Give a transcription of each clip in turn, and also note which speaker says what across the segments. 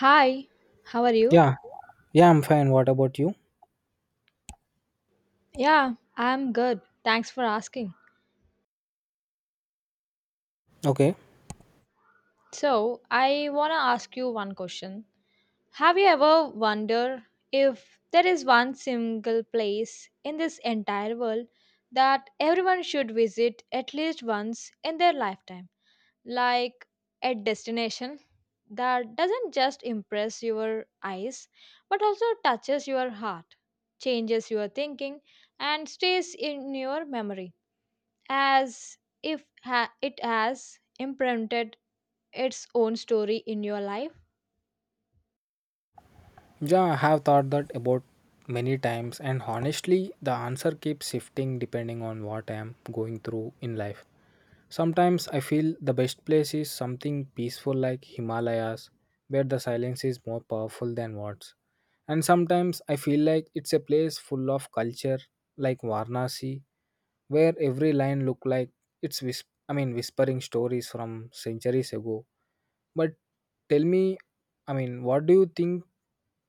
Speaker 1: Hi, how are you?
Speaker 2: Yeah, yeah, I'm fine. What about you?
Speaker 1: Yeah, I'm good. Thanks for asking.
Speaker 2: Okay.
Speaker 1: So, I want to ask you one question. Have you ever wondered if there is one single place in this entire world that everyone should visit at least once in their lifetime? Like a destination that doesn't just impress your eyes but also touches your heart, changes your thinking, and stays in your memory, as if it has imprinted its own story in your life?
Speaker 2: Yeah, I have thought that about many times, and honestly, the answer keeps shifting depending on what I am going through in life. Sometimes I feel the best place is something peaceful like Himalayas, where the silence is more powerful than words. And sometimes I feel like it's a place full of culture like Varanasi, where every line look like it's whispering stories from centuries ago. But tell me, what do you think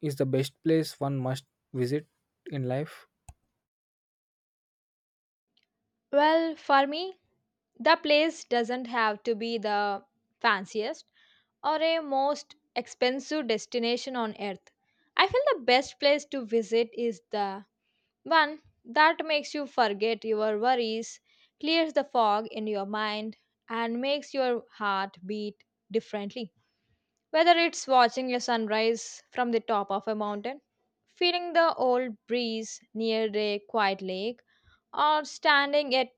Speaker 2: is the best place one must visit in life?
Speaker 1: Well, for me, the place doesn't have to be the fanciest or a most expensive destination on earth. I feel the best place to visit is the one that makes you forget your worries, clears the fog in your mind, and makes your heart beat differently. Whether it's watching a sunrise from the top of a mountain, feeling the old breeze near a quiet lake, or standing at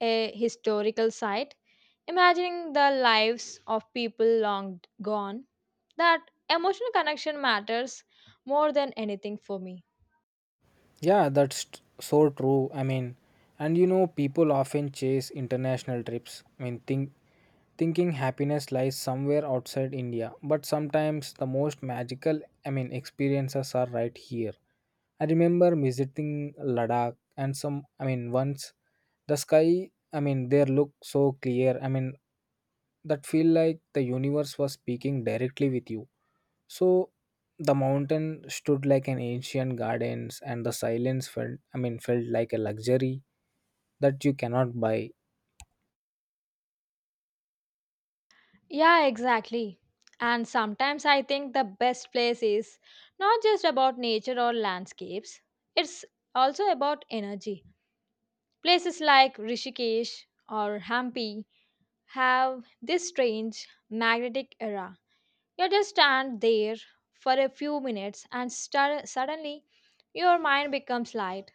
Speaker 1: a historical site, imagining the lives of people long gone, that emotional connection matters more than anything for me.
Speaker 2: Yeah, that's so true. And you know, people often chase international trips. Thinking happiness lies somewhere outside India, but sometimes the most magical, experiences are right here. I remember visiting Ladakh and once the sky, there looked so clear. That feel like the universe was speaking directly with you, so the mountain stood like an ancient gardens and the silence felt felt like a luxury that you cannot buy.
Speaker 1: Yeah, exactly. And sometimes I think the best place is not just about nature or landscapes, it's also about energy. Places like Rishikesh or Hampi have this strange magnetic aura. You just stand there for a few minutes and suddenly your mind becomes light,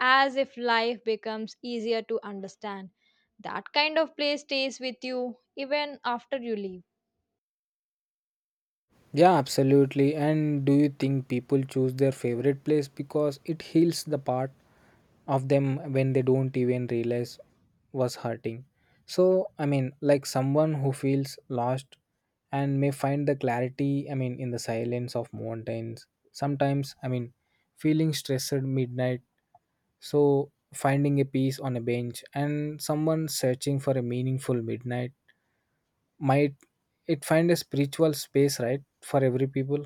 Speaker 1: as if life becomes easier to understand. That kind of place stays with you even after you leave.
Speaker 2: Yeah, absolutely. And do you think people choose their favorite place because it heals the part of them when they don't even realize was hurting? So, like someone who feels lost and may find the clarity, in the silence of mountains. Sometimes, feeling stressed at midnight. So, finding a piece on a bench and someone searching for a meaningful midnight might it find a spiritual space, right, for every people?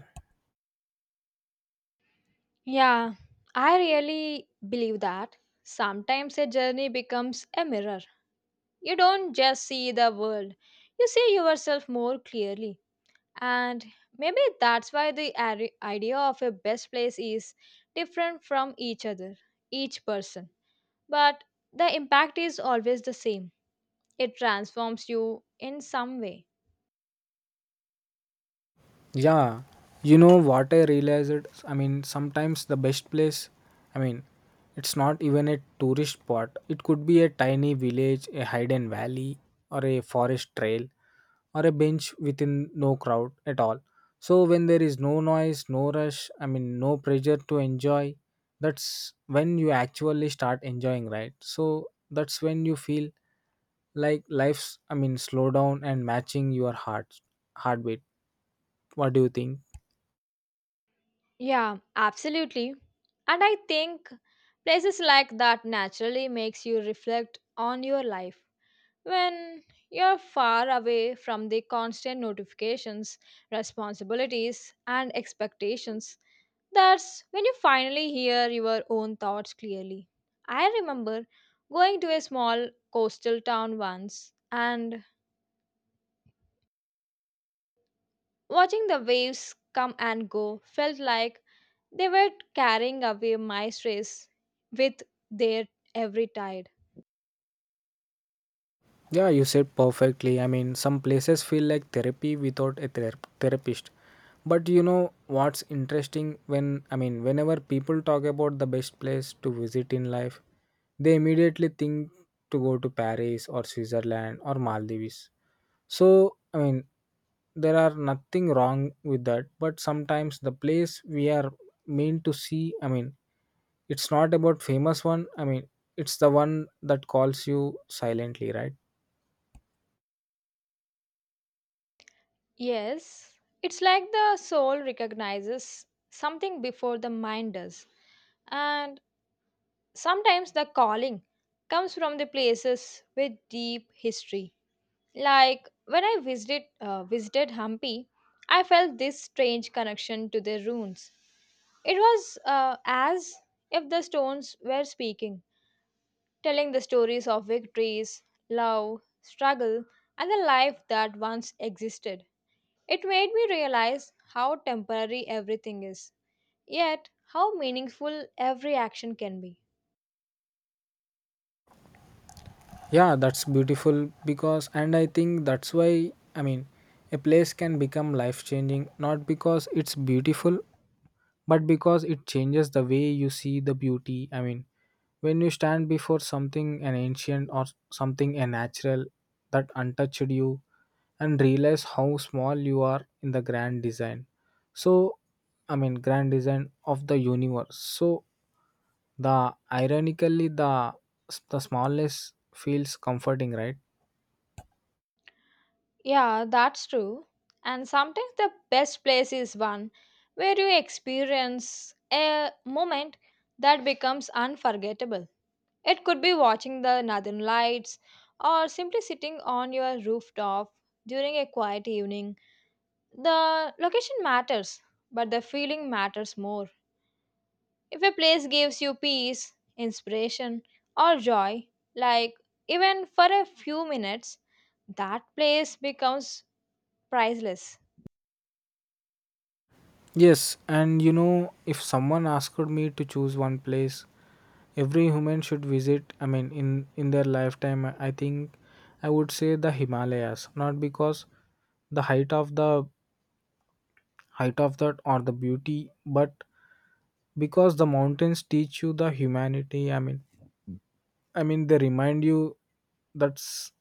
Speaker 1: Yeah, I really believe that. Sometimes a journey becomes a mirror. You don't just see the world, you see yourself more clearly. And maybe that's why the idea of a best place is different from each other, each person. But the impact is always the same. It transforms you in some way.
Speaker 2: Yeah, you know what I realized? Sometimes the best place, I mean, it's not even a tourist spot. It could be a tiny village, a hidden valley, or a forest trail, or a bench within no crowd at all. So, when there is no noise, no rush, no pressure to enjoy, that's when you actually start enjoying, right? So, that's when you feel like life's, slow down and matching your heartbeat. What do you think?
Speaker 1: Yeah, absolutely. And I think places like that naturally makes you reflect on your life. When you're far away from the constant notifications, responsibilities, and expectations, that's when you finally hear your own thoughts clearly. I remember going to a small coastal town once, and watching the waves come and go felt like they were carrying away my stress with their every tide.
Speaker 2: Yeah, you said perfectly. Some places feel like therapy without a therapist. But you know what's interesting when whenever people talk about the best place to visit in life, they immediately think to go to Paris or Switzerland or Maldives. So, there are nothing wrong with that, but sometimes the place we are meant to see, it's not about famous one. It's the one that calls you silently, right?
Speaker 1: Yes, it's like the soul recognizes something before the mind does. And sometimes the calling comes from the places with deep history. Like when I visited Hampi, I felt this strange connection to the ruins. It was as if the stones were speaking, telling the stories of victories, love, struggle, and the life that once existed. It made me realize how temporary everything is, yet how meaningful every action can be.
Speaker 2: Yeah, that's beautiful because and I think that's why i mean a place can become life changing not because it's beautiful but because it changes the way you see the beauty. When you stand before something an ancient or something a natural that untouched you and realize how small you are in the grand design, so grand design of the universe. So the ironically the smallness feels comforting, right?
Speaker 1: Yeah, that's true. And sometimes the best place is one where you experience a moment that becomes unforgettable. It could be watching the northern lights or simply sitting on your rooftop during a quiet evening. The location matters, but the feeling matters more. If a place gives you peace, inspiration, or joy, like even for a few minutes, that place becomes priceless.
Speaker 2: Yes, and you know, if someone asked me to choose one place every human should visit, in their lifetime, I think I would say the Himalayas, not because the height of that or the beauty, but because the mountains teach you the humanity. They remind you that s-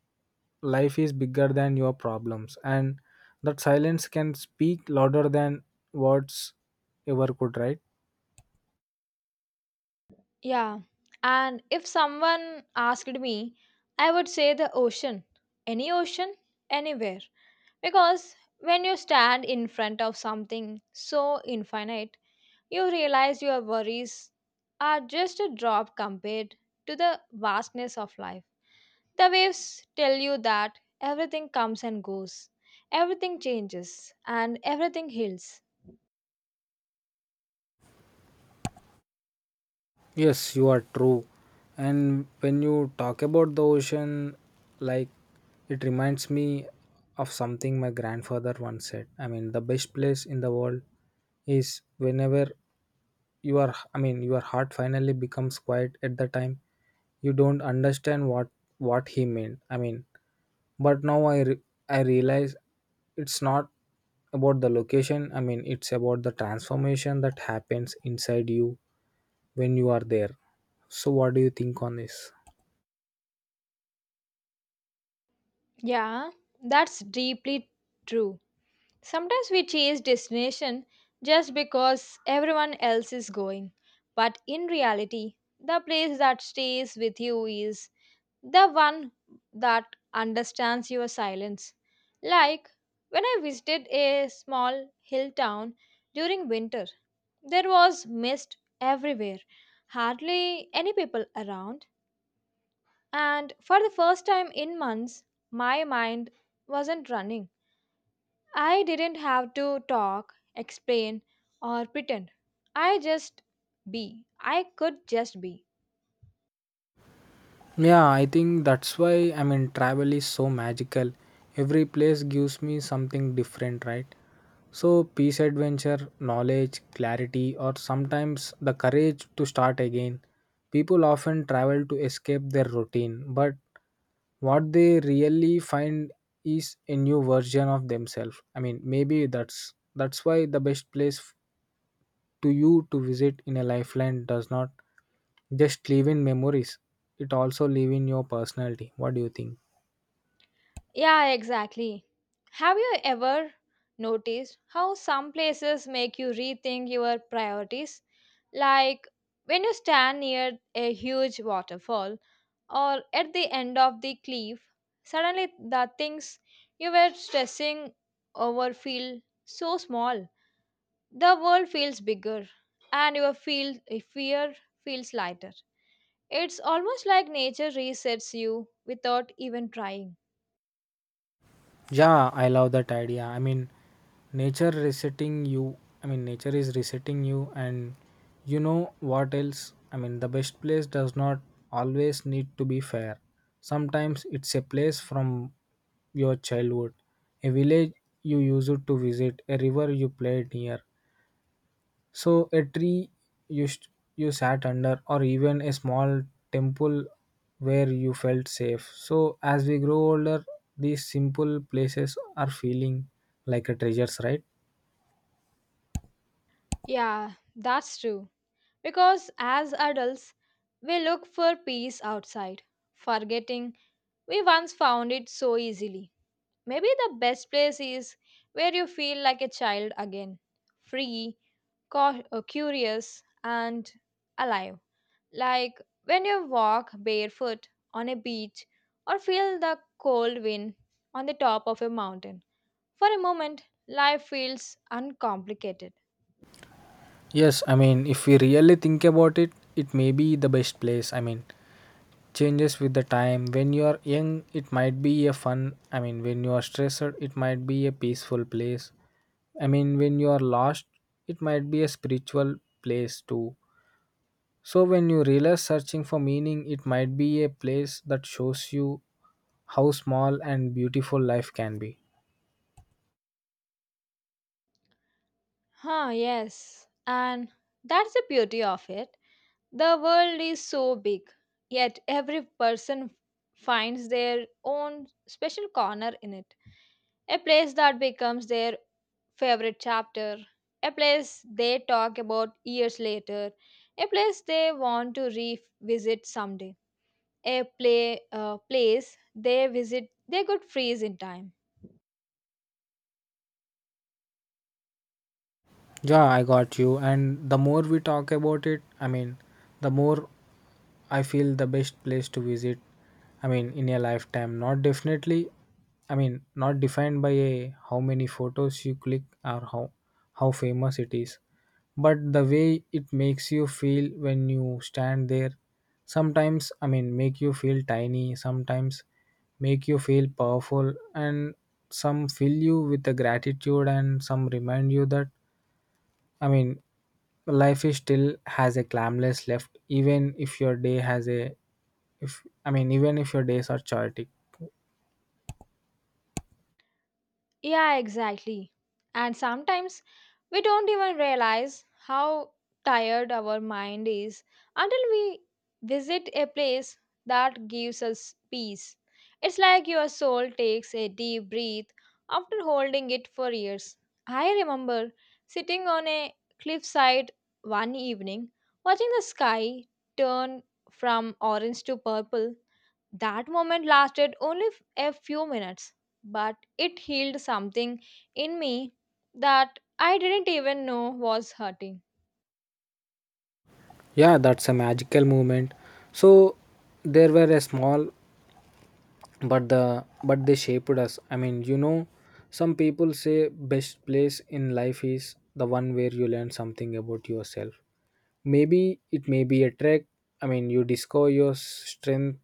Speaker 2: life is bigger than your problems, and that silence can speak louder than words ever could, right?
Speaker 1: Yeah, and if someone asked me, I would say the ocean. Any ocean, anywhere. Because when you stand in front of something so infinite, you realize your worries are just a drop compared to the vastness of life. The waves tell you that everything comes and goes, everything changes, and everything heals.
Speaker 2: Yes, you are true. And when you talk about the ocean, like it reminds me of something my grandfather once said. The best place in the world is whenever you are, your heart finally becomes quiet at the time you don't understand what he meant. But now I realize it's not about the location. It's about the transformation that happens inside you when you are there. So, what do you think on this?
Speaker 1: Yeah, that's deeply true. Sometimes we chase destination just because everyone else is going. But in reality, the place that stays with you is the one that understands your silence. Like when I visited a small hill town during winter, there was mist everywhere, hardly any people around, and for the first time in months, my mind wasn't running. I didn't have to talk, explain, or pretend. I just I could just be.
Speaker 2: Yeah, I think that's why travel is so magical. Every place gives me something different, right? So, peace, adventure, knowledge, clarity, or sometimes the courage to start again. People often travel to escape their routine, but what they really find is a new version of themselves. Maybe that's why the best place to you to visit in a lifeline does not just live in memories. It also live in your personality. What do you think?
Speaker 1: Yeah, exactly. Have you ever noticed how some places make you rethink your priorities? Like when you stand near a huge waterfall or at the end of the cliff, suddenly the things you were stressing over feel so small. The world feels bigger, and your fear feels lighter. It's almost like nature resets you without even trying.
Speaker 2: Yeah, I love that idea. Nature resetting you. Nature is resetting you, and you know what else? The best place does not always need to be fair. Sometimes it's a place from your childhood, a village you used to visit, a river you played near, so a tree you st- you sat under, or even a small temple where you felt safe. So as we grow older, these simple places are feeling like a treasures, right?
Speaker 1: Yeah, that's true. Because as adults, we look for peace outside, forgetting we once found it so easily. Maybe the best place is where you feel like a child again, free, curious, and alive. Like when you walk barefoot on a beach or feel the cold wind on the top of a mountain. For a moment, life feels uncomplicated.
Speaker 2: Yes, I mean if we really think about it, it may be the best place. Changes with the time. When you are young, it might be a fun. When you are stressed, it might be a peaceful place. When you are lost, it might be a spiritual place too. So, when you realize searching for meaning, it might be a place that shows you how small and beautiful life can be.
Speaker 1: Huh, yes. And that's the beauty of it. The world is so big, yet every person finds their own special corner in it. A place that becomes their favorite chapter, a place they talk about years later, a place they want to revisit someday, a play place they visit they could freeze in time.
Speaker 2: Yeah, I got you. And the more we talk about it, the more I feel the best place to visit, in a lifetime, not definitely, not defined by a, how many photos you click or how famous it is, but the way it makes you feel when you stand there. Sometimes, make you feel tiny, sometimes make you feel powerful, and some fill you with the gratitude, and some remind you that, I mean, life is still has a clamless left, even if your day has a if even if your days are chaotic.
Speaker 1: Yeah, exactly. And sometimes we don't even realize how tired our mind is until we visit a place that gives us peace. It's like your soul takes a deep breath after holding it for years. I remember sitting on a cliffside one evening, watching the sky turn from orange to purple. That moment lasted only a few minutes, but it healed something in me that I didn't even know was hurting.
Speaker 2: Yeah, that's a magical moment. So there were a small but the but they shaped us. You know, some people say best place in life is the one where you learn something about yourself. Maybe it may be a trek you discover your strength,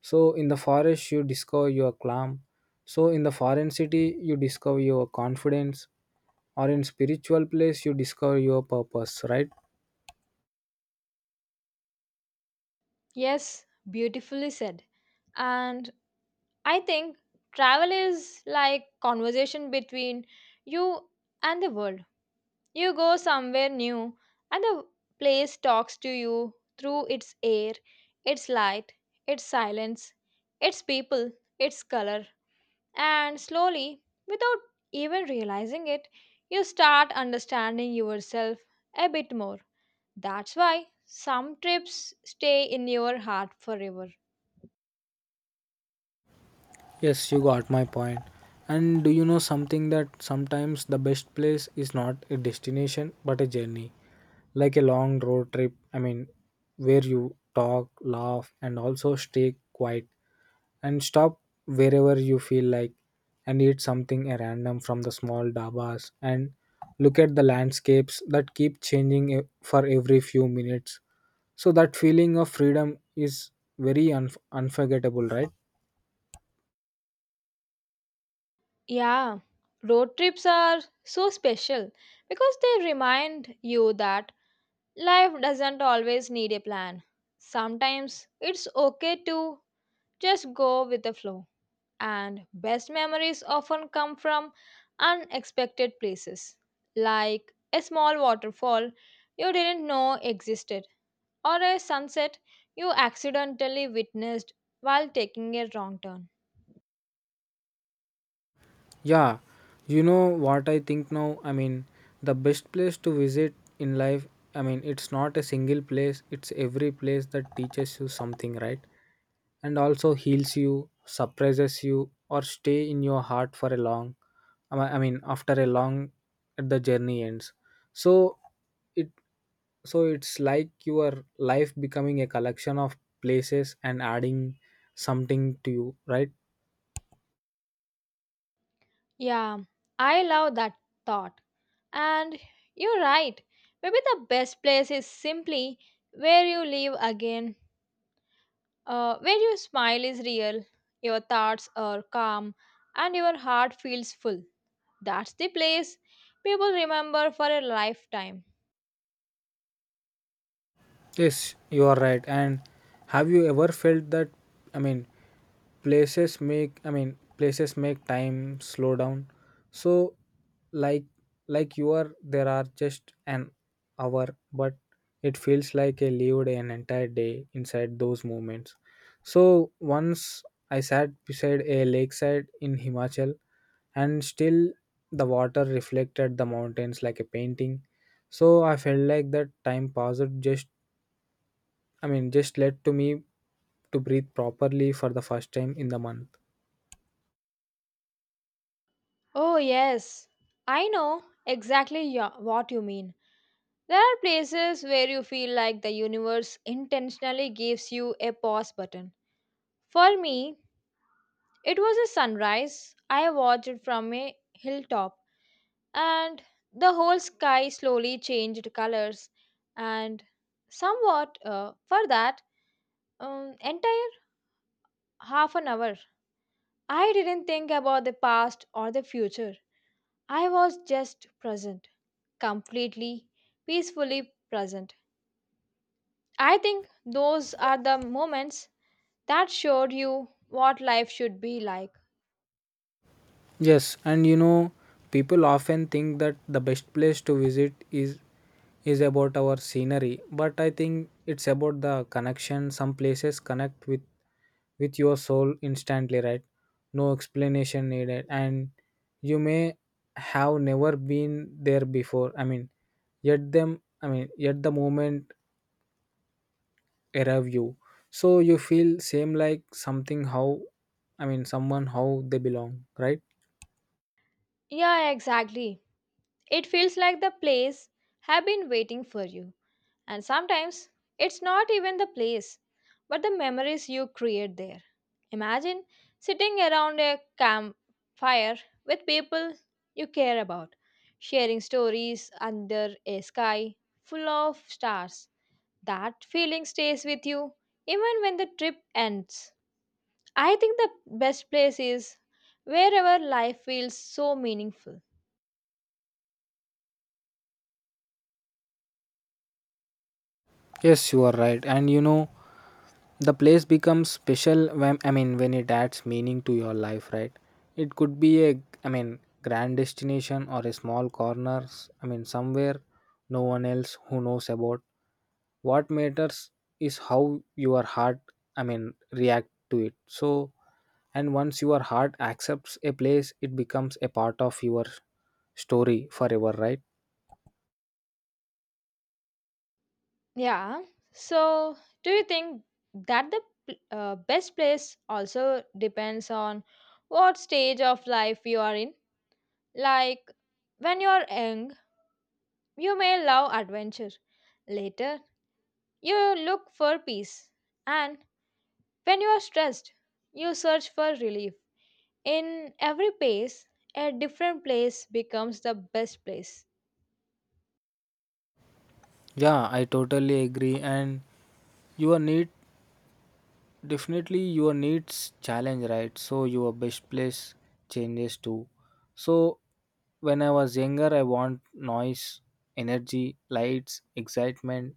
Speaker 2: so in the forest you discover your calm, so in the foreign city you discover your confidence, or in spiritual place you discover your purpose, right?
Speaker 1: Yes, beautifully said. And I think travel is like conversation between you and the world. You go somewhere new and the place talks to you through its air, its light, its silence, its people, its color. And slowly, without even realizing it, you start understanding yourself a bit more. That's why some trips stay in your heart forever.
Speaker 2: Yes, you got my point. And do you know something that sometimes the best place is not a destination but a journey, like a long road trip? Where you talk, laugh, and also stay quiet and stop wherever you feel like and eat something at random from the small dabas and look at the landscapes that keep changing for every few minutes. So, that feeling of freedom is very unforgettable, right?
Speaker 1: Yeah, road trips are so special because they remind you that life doesn't always need a plan. Sometimes it's okay to just go with the flow. And best memories often come from unexpected places, like a small waterfall you didn't know existed, or a sunset you accidentally witnessed while taking a wrong turn.
Speaker 2: Yeah, you know what I think now? The best place to visit in life, it's not a single place, it's every place that teaches you something, right? And also heals you, surprises you, or stay in your heart for a long, I me- I mean, after a long, the journey ends. So it, so it's like your life becoming a collection of places and adding something to you, right?
Speaker 1: Yeah, I love that thought. And you're right, maybe the best place is simply where you live again, where your smile is real, your thoughts are calm, and your heart feels full. That's the place people remember for a lifetime.
Speaker 2: Yes, you are right. And have you ever felt that I mean places make time slow down? So like like you are there are just an hour, but it feels like I lived an entire day inside those moments. So once I sat beside a lakeside in Himachal and still the water reflected the mountains like a painting. So I felt like that time passed just just led to me to breathe properly for the first time in the month.
Speaker 1: Oh, yes, I know exactly what you mean. There are places where you feel like the universe intentionally gives you a pause button. For me, it was a sunrise. I watched it from a hilltop, and the whole sky slowly changed colors. And somewhat for that entire half an hour, I didn't think about the past or the future. I was just present, completely, peacefully present. I think those are the moments that showed you what life should be like.
Speaker 2: Yes, and you know, people often think that the best place to visit is about our scenery, but I think it's about the connection. Some places connect with your soul instantly, right? No explanation needed, and you may have never been there before. Yet them. Yet the moment error you, so you feel same like something how someone how they belong, right?
Speaker 1: Yeah, exactly. It feels like the place have been waiting for you. And sometimes it's not even the place, but the memories you create there. Imagine sitting around a campfire with people you care about, sharing stories under a sky full of stars. That feeling stays with you even when the trip ends. I think the best place is wherever life feels so meaningful.
Speaker 2: Yes, you are right, and you know the place becomes special when when it adds meaning to your life, right? It could be a grand destination or a small corner, somewhere no one else who knows about. What matters is how your heart react to it. So, and once your heart accepts a place it becomes a part of your story forever, right?
Speaker 1: Yeah. So, do you think that the best place also depends on what stage of life you are in? Like, when you are young, you may love adventure. Later, you look for peace. And when you are stressed, you search for relief. In every pace, a different place becomes the best place.
Speaker 2: Yeah, I totally agree. And your need, definitely your needs challenge, right? So your best place changes too. So when I was younger, I want noise, energy, lights, excitement,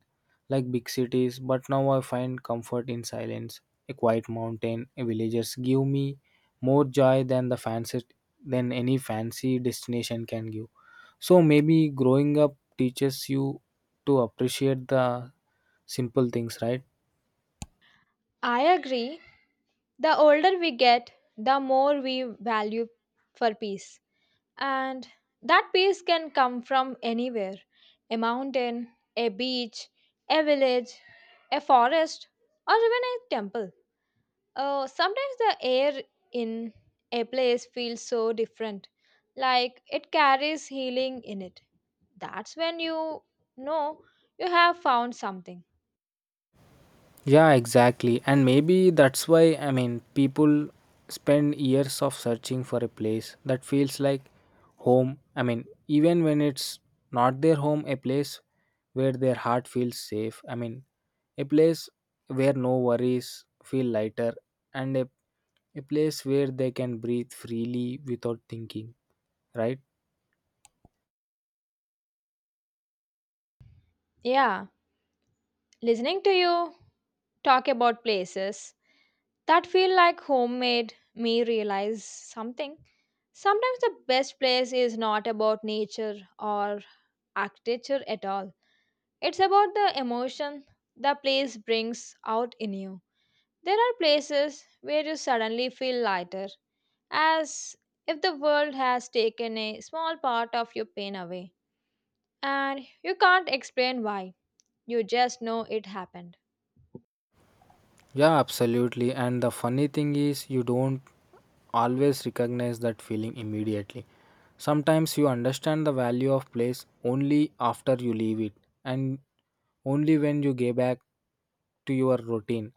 Speaker 2: like big cities, but now I find comfort in silence. A quiet mountain, a villagers give me more joy than the fancy than any fancy destination can give. So maybe growing up teaches you to appreciate the simple things, right?
Speaker 1: I agree. The older we get, the more we value for peace. And that peace can come from anywhere, a mountain, a beach, a village, a forest, or even a temple. Sometimes the air in a place feels so different, like it carries healing in it. That's when you know you have found something.
Speaker 2: Yeah, exactly. And maybe that's why, people spend years of searching for a place that feels like home. I mean, even when it's not their home, a place where their heart feels safe. A place where no worries feel lighter and a place where they can breathe freely without thinking, right?
Speaker 1: Yeah, listening to you talk about places that feel like home made me realize something. Sometimes the best place is not about nature or architecture at all. It's about the emotion the place brings out in you. There are places where you suddenly feel lighter, as if the world has taken a small part of your pain away, and you can't explain why. You just know it happened.
Speaker 2: Yeah, absolutely. And the funny thing is, you don't always recognize that feeling immediately. Sometimes you understand the value of place only after you leave it and only when you get back to your routine.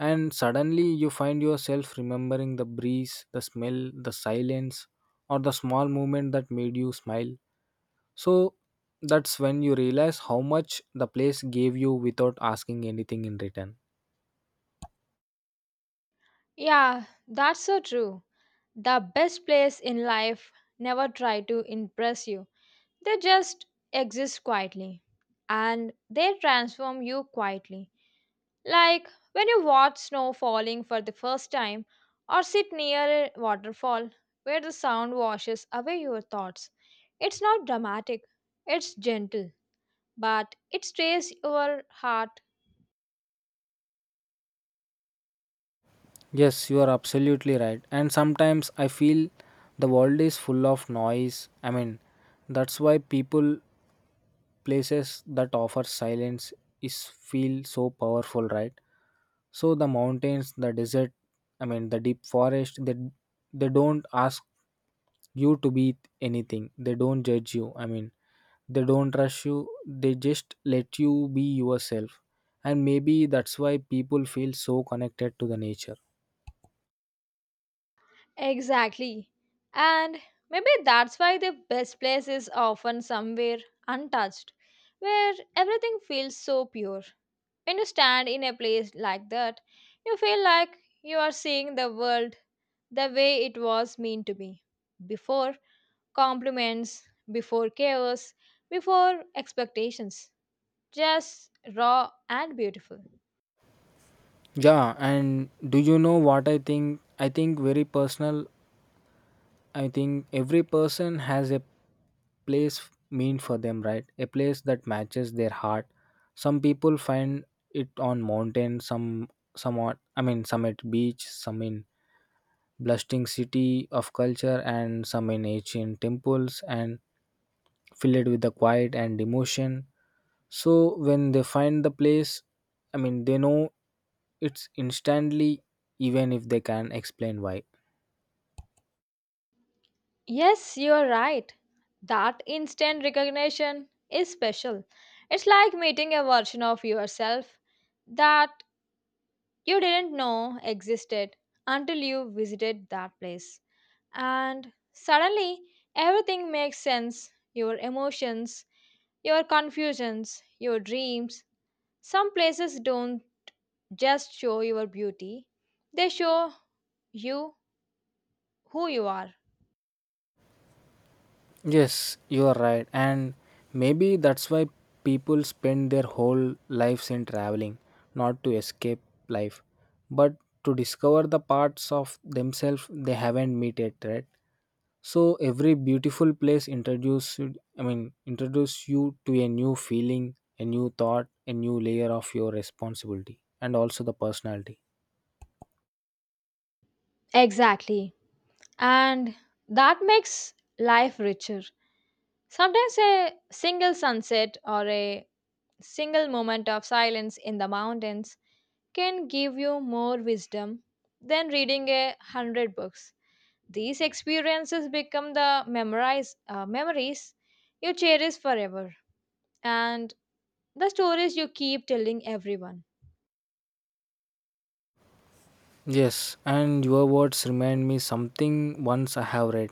Speaker 2: And suddenly you find yourself remembering the breeze, the smell, the silence, or the small moment that made you smile. So that's when you realize how much the place gave you without asking anything in return.
Speaker 1: Yeah, that's so true. The best players in life never try to impress you, they just exist quietly and they transform you quietly. Like when you watch snow falling for the first time or sit near a waterfall where the sound washes away your thoughts. It's not dramatic, it's gentle, but it stays your heart.
Speaker 2: Yes, you are absolutely right. And sometimes I feel the world is full of noise. I mean, that's why people places that offer silence is feel so powerful, right? So the mountains, the desert, the deep forest, they don't ask you to be anything. They don't judge you. I mean, they don't rush you. They just let you be yourself. And maybe that's why people feel so connected to the nature.
Speaker 1: Exactly. And maybe that's why the best place is often somewhere untouched, where everything feels so pure. When you stand in a place like that, you feel like you are seeing the world the way it was meant to be before compliments, before chaos, before expectations. Just raw and beautiful.
Speaker 2: Yeah, and do you know what I think? I think very personal. I think every person has a place mean for them, right? A place that matches their heart. Some people find it on mountain, some somewhat. I mean, some at beach, some in bustling city of culture, and some in ancient temples, and filled with the quiet and emotion. So when they find the place, they know it's instantly, even if they can explain why.
Speaker 1: Yes, you are right. That instant recognition is special. It's like meeting a version of yourself that you didn't know existed until you visited that place. And suddenly everything makes sense, your emotions, your confusions, your dreams. Some places don't just show your beauty, they show you who you are.
Speaker 2: Yes, you are right. And maybe that's why people spend their whole lives in traveling, not to escape life, but to discover the parts of themselves they haven't met yet, right? So every beautiful place introduced, introduce you to a new feeling, a new thought, a new layer of your responsibility, and also the personality.
Speaker 1: Exactly. And that makes life richer. Sometimes a single sunset or a single moment of silence in the mountains can give you more wisdom than reading 100 books. These experiences become the memories you cherish forever and the stories you keep telling everyone.
Speaker 2: Yes, and your words remind me something once I have read.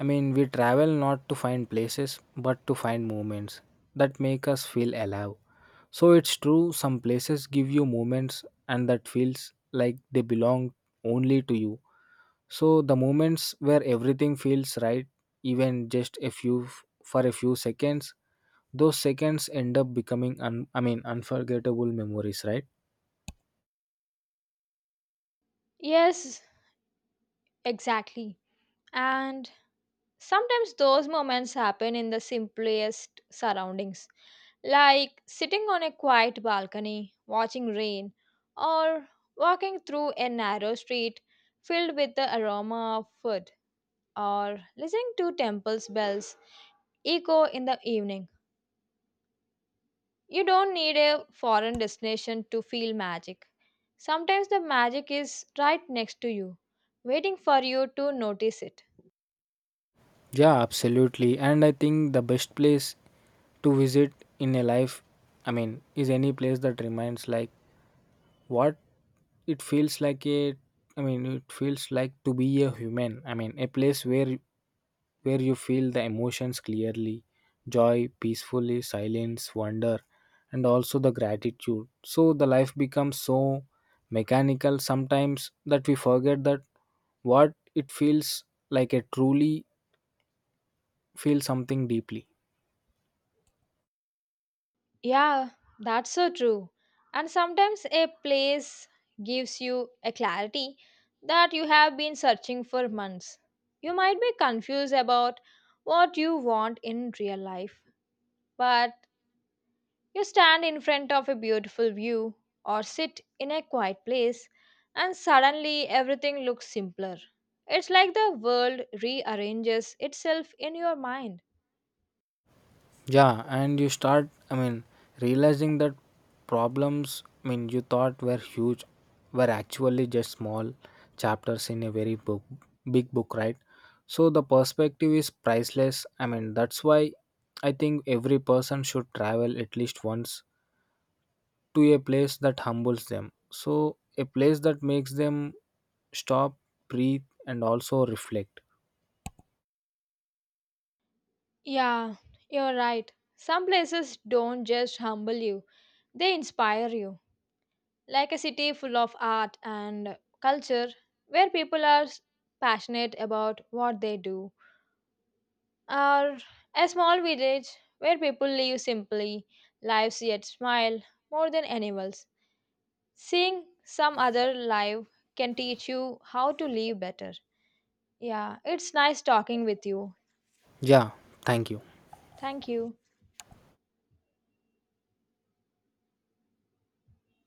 Speaker 2: I mean, we travel not to find places, but to find moments that make us feel alive. So it's true, some places give you moments, and that feels like they belong only to you. So the moments where everything feels right, even just a few for a few seconds, those seconds end up becoming unforgettable memories, right?
Speaker 1: Yes, exactly. And sometimes those moments happen in the simplest surroundings, like sitting on a quiet balcony, watching rain, or walking through a narrow street filled with the aroma of food, or listening to temple's bells echo in the evening. You don't need a foreign destination to feel magic. Sometimes the magic is right next to you, waiting for you to notice it.
Speaker 2: Yeah, absolutely. And I think the best place to visit in a life, is any place that reminds like what it feels like a I mean it feels like to be a human, a place where you feel the emotions clearly, joy, peacefully, silence, wonder, and also the gratitude. So the life becomes so mechanical sometimes that we forget that what it feels like a truly feel something deeply.
Speaker 1: Yeah, that's so true. And sometimes a place gives you a clarity that you have been searching for months. You might be confused about what you want in real life, but you stand in front of a beautiful view or sit in a quiet place, and suddenly everything looks simpler. It's like the world rearranges itself in your mind.
Speaker 2: Yeah, and you start, realizing that problems, you thought were huge were actually just small chapters in a big book, right? So the perspective is priceless. I mean, that's why I think every person should travel at least once to a place that humbles them. So, a place that makes them stop, breathe, and also reflect.
Speaker 1: Yeah, you're right. Some places don't just humble you, they inspire you. Like a city full of art and culture, where people are passionate about what they do. Or a small village where people live simply, lives yet smile more than animals. Seeing some other life can teach you how to live better. Yeah, it's nice talking with you.
Speaker 2: Yeah, thank you.
Speaker 1: Thank you.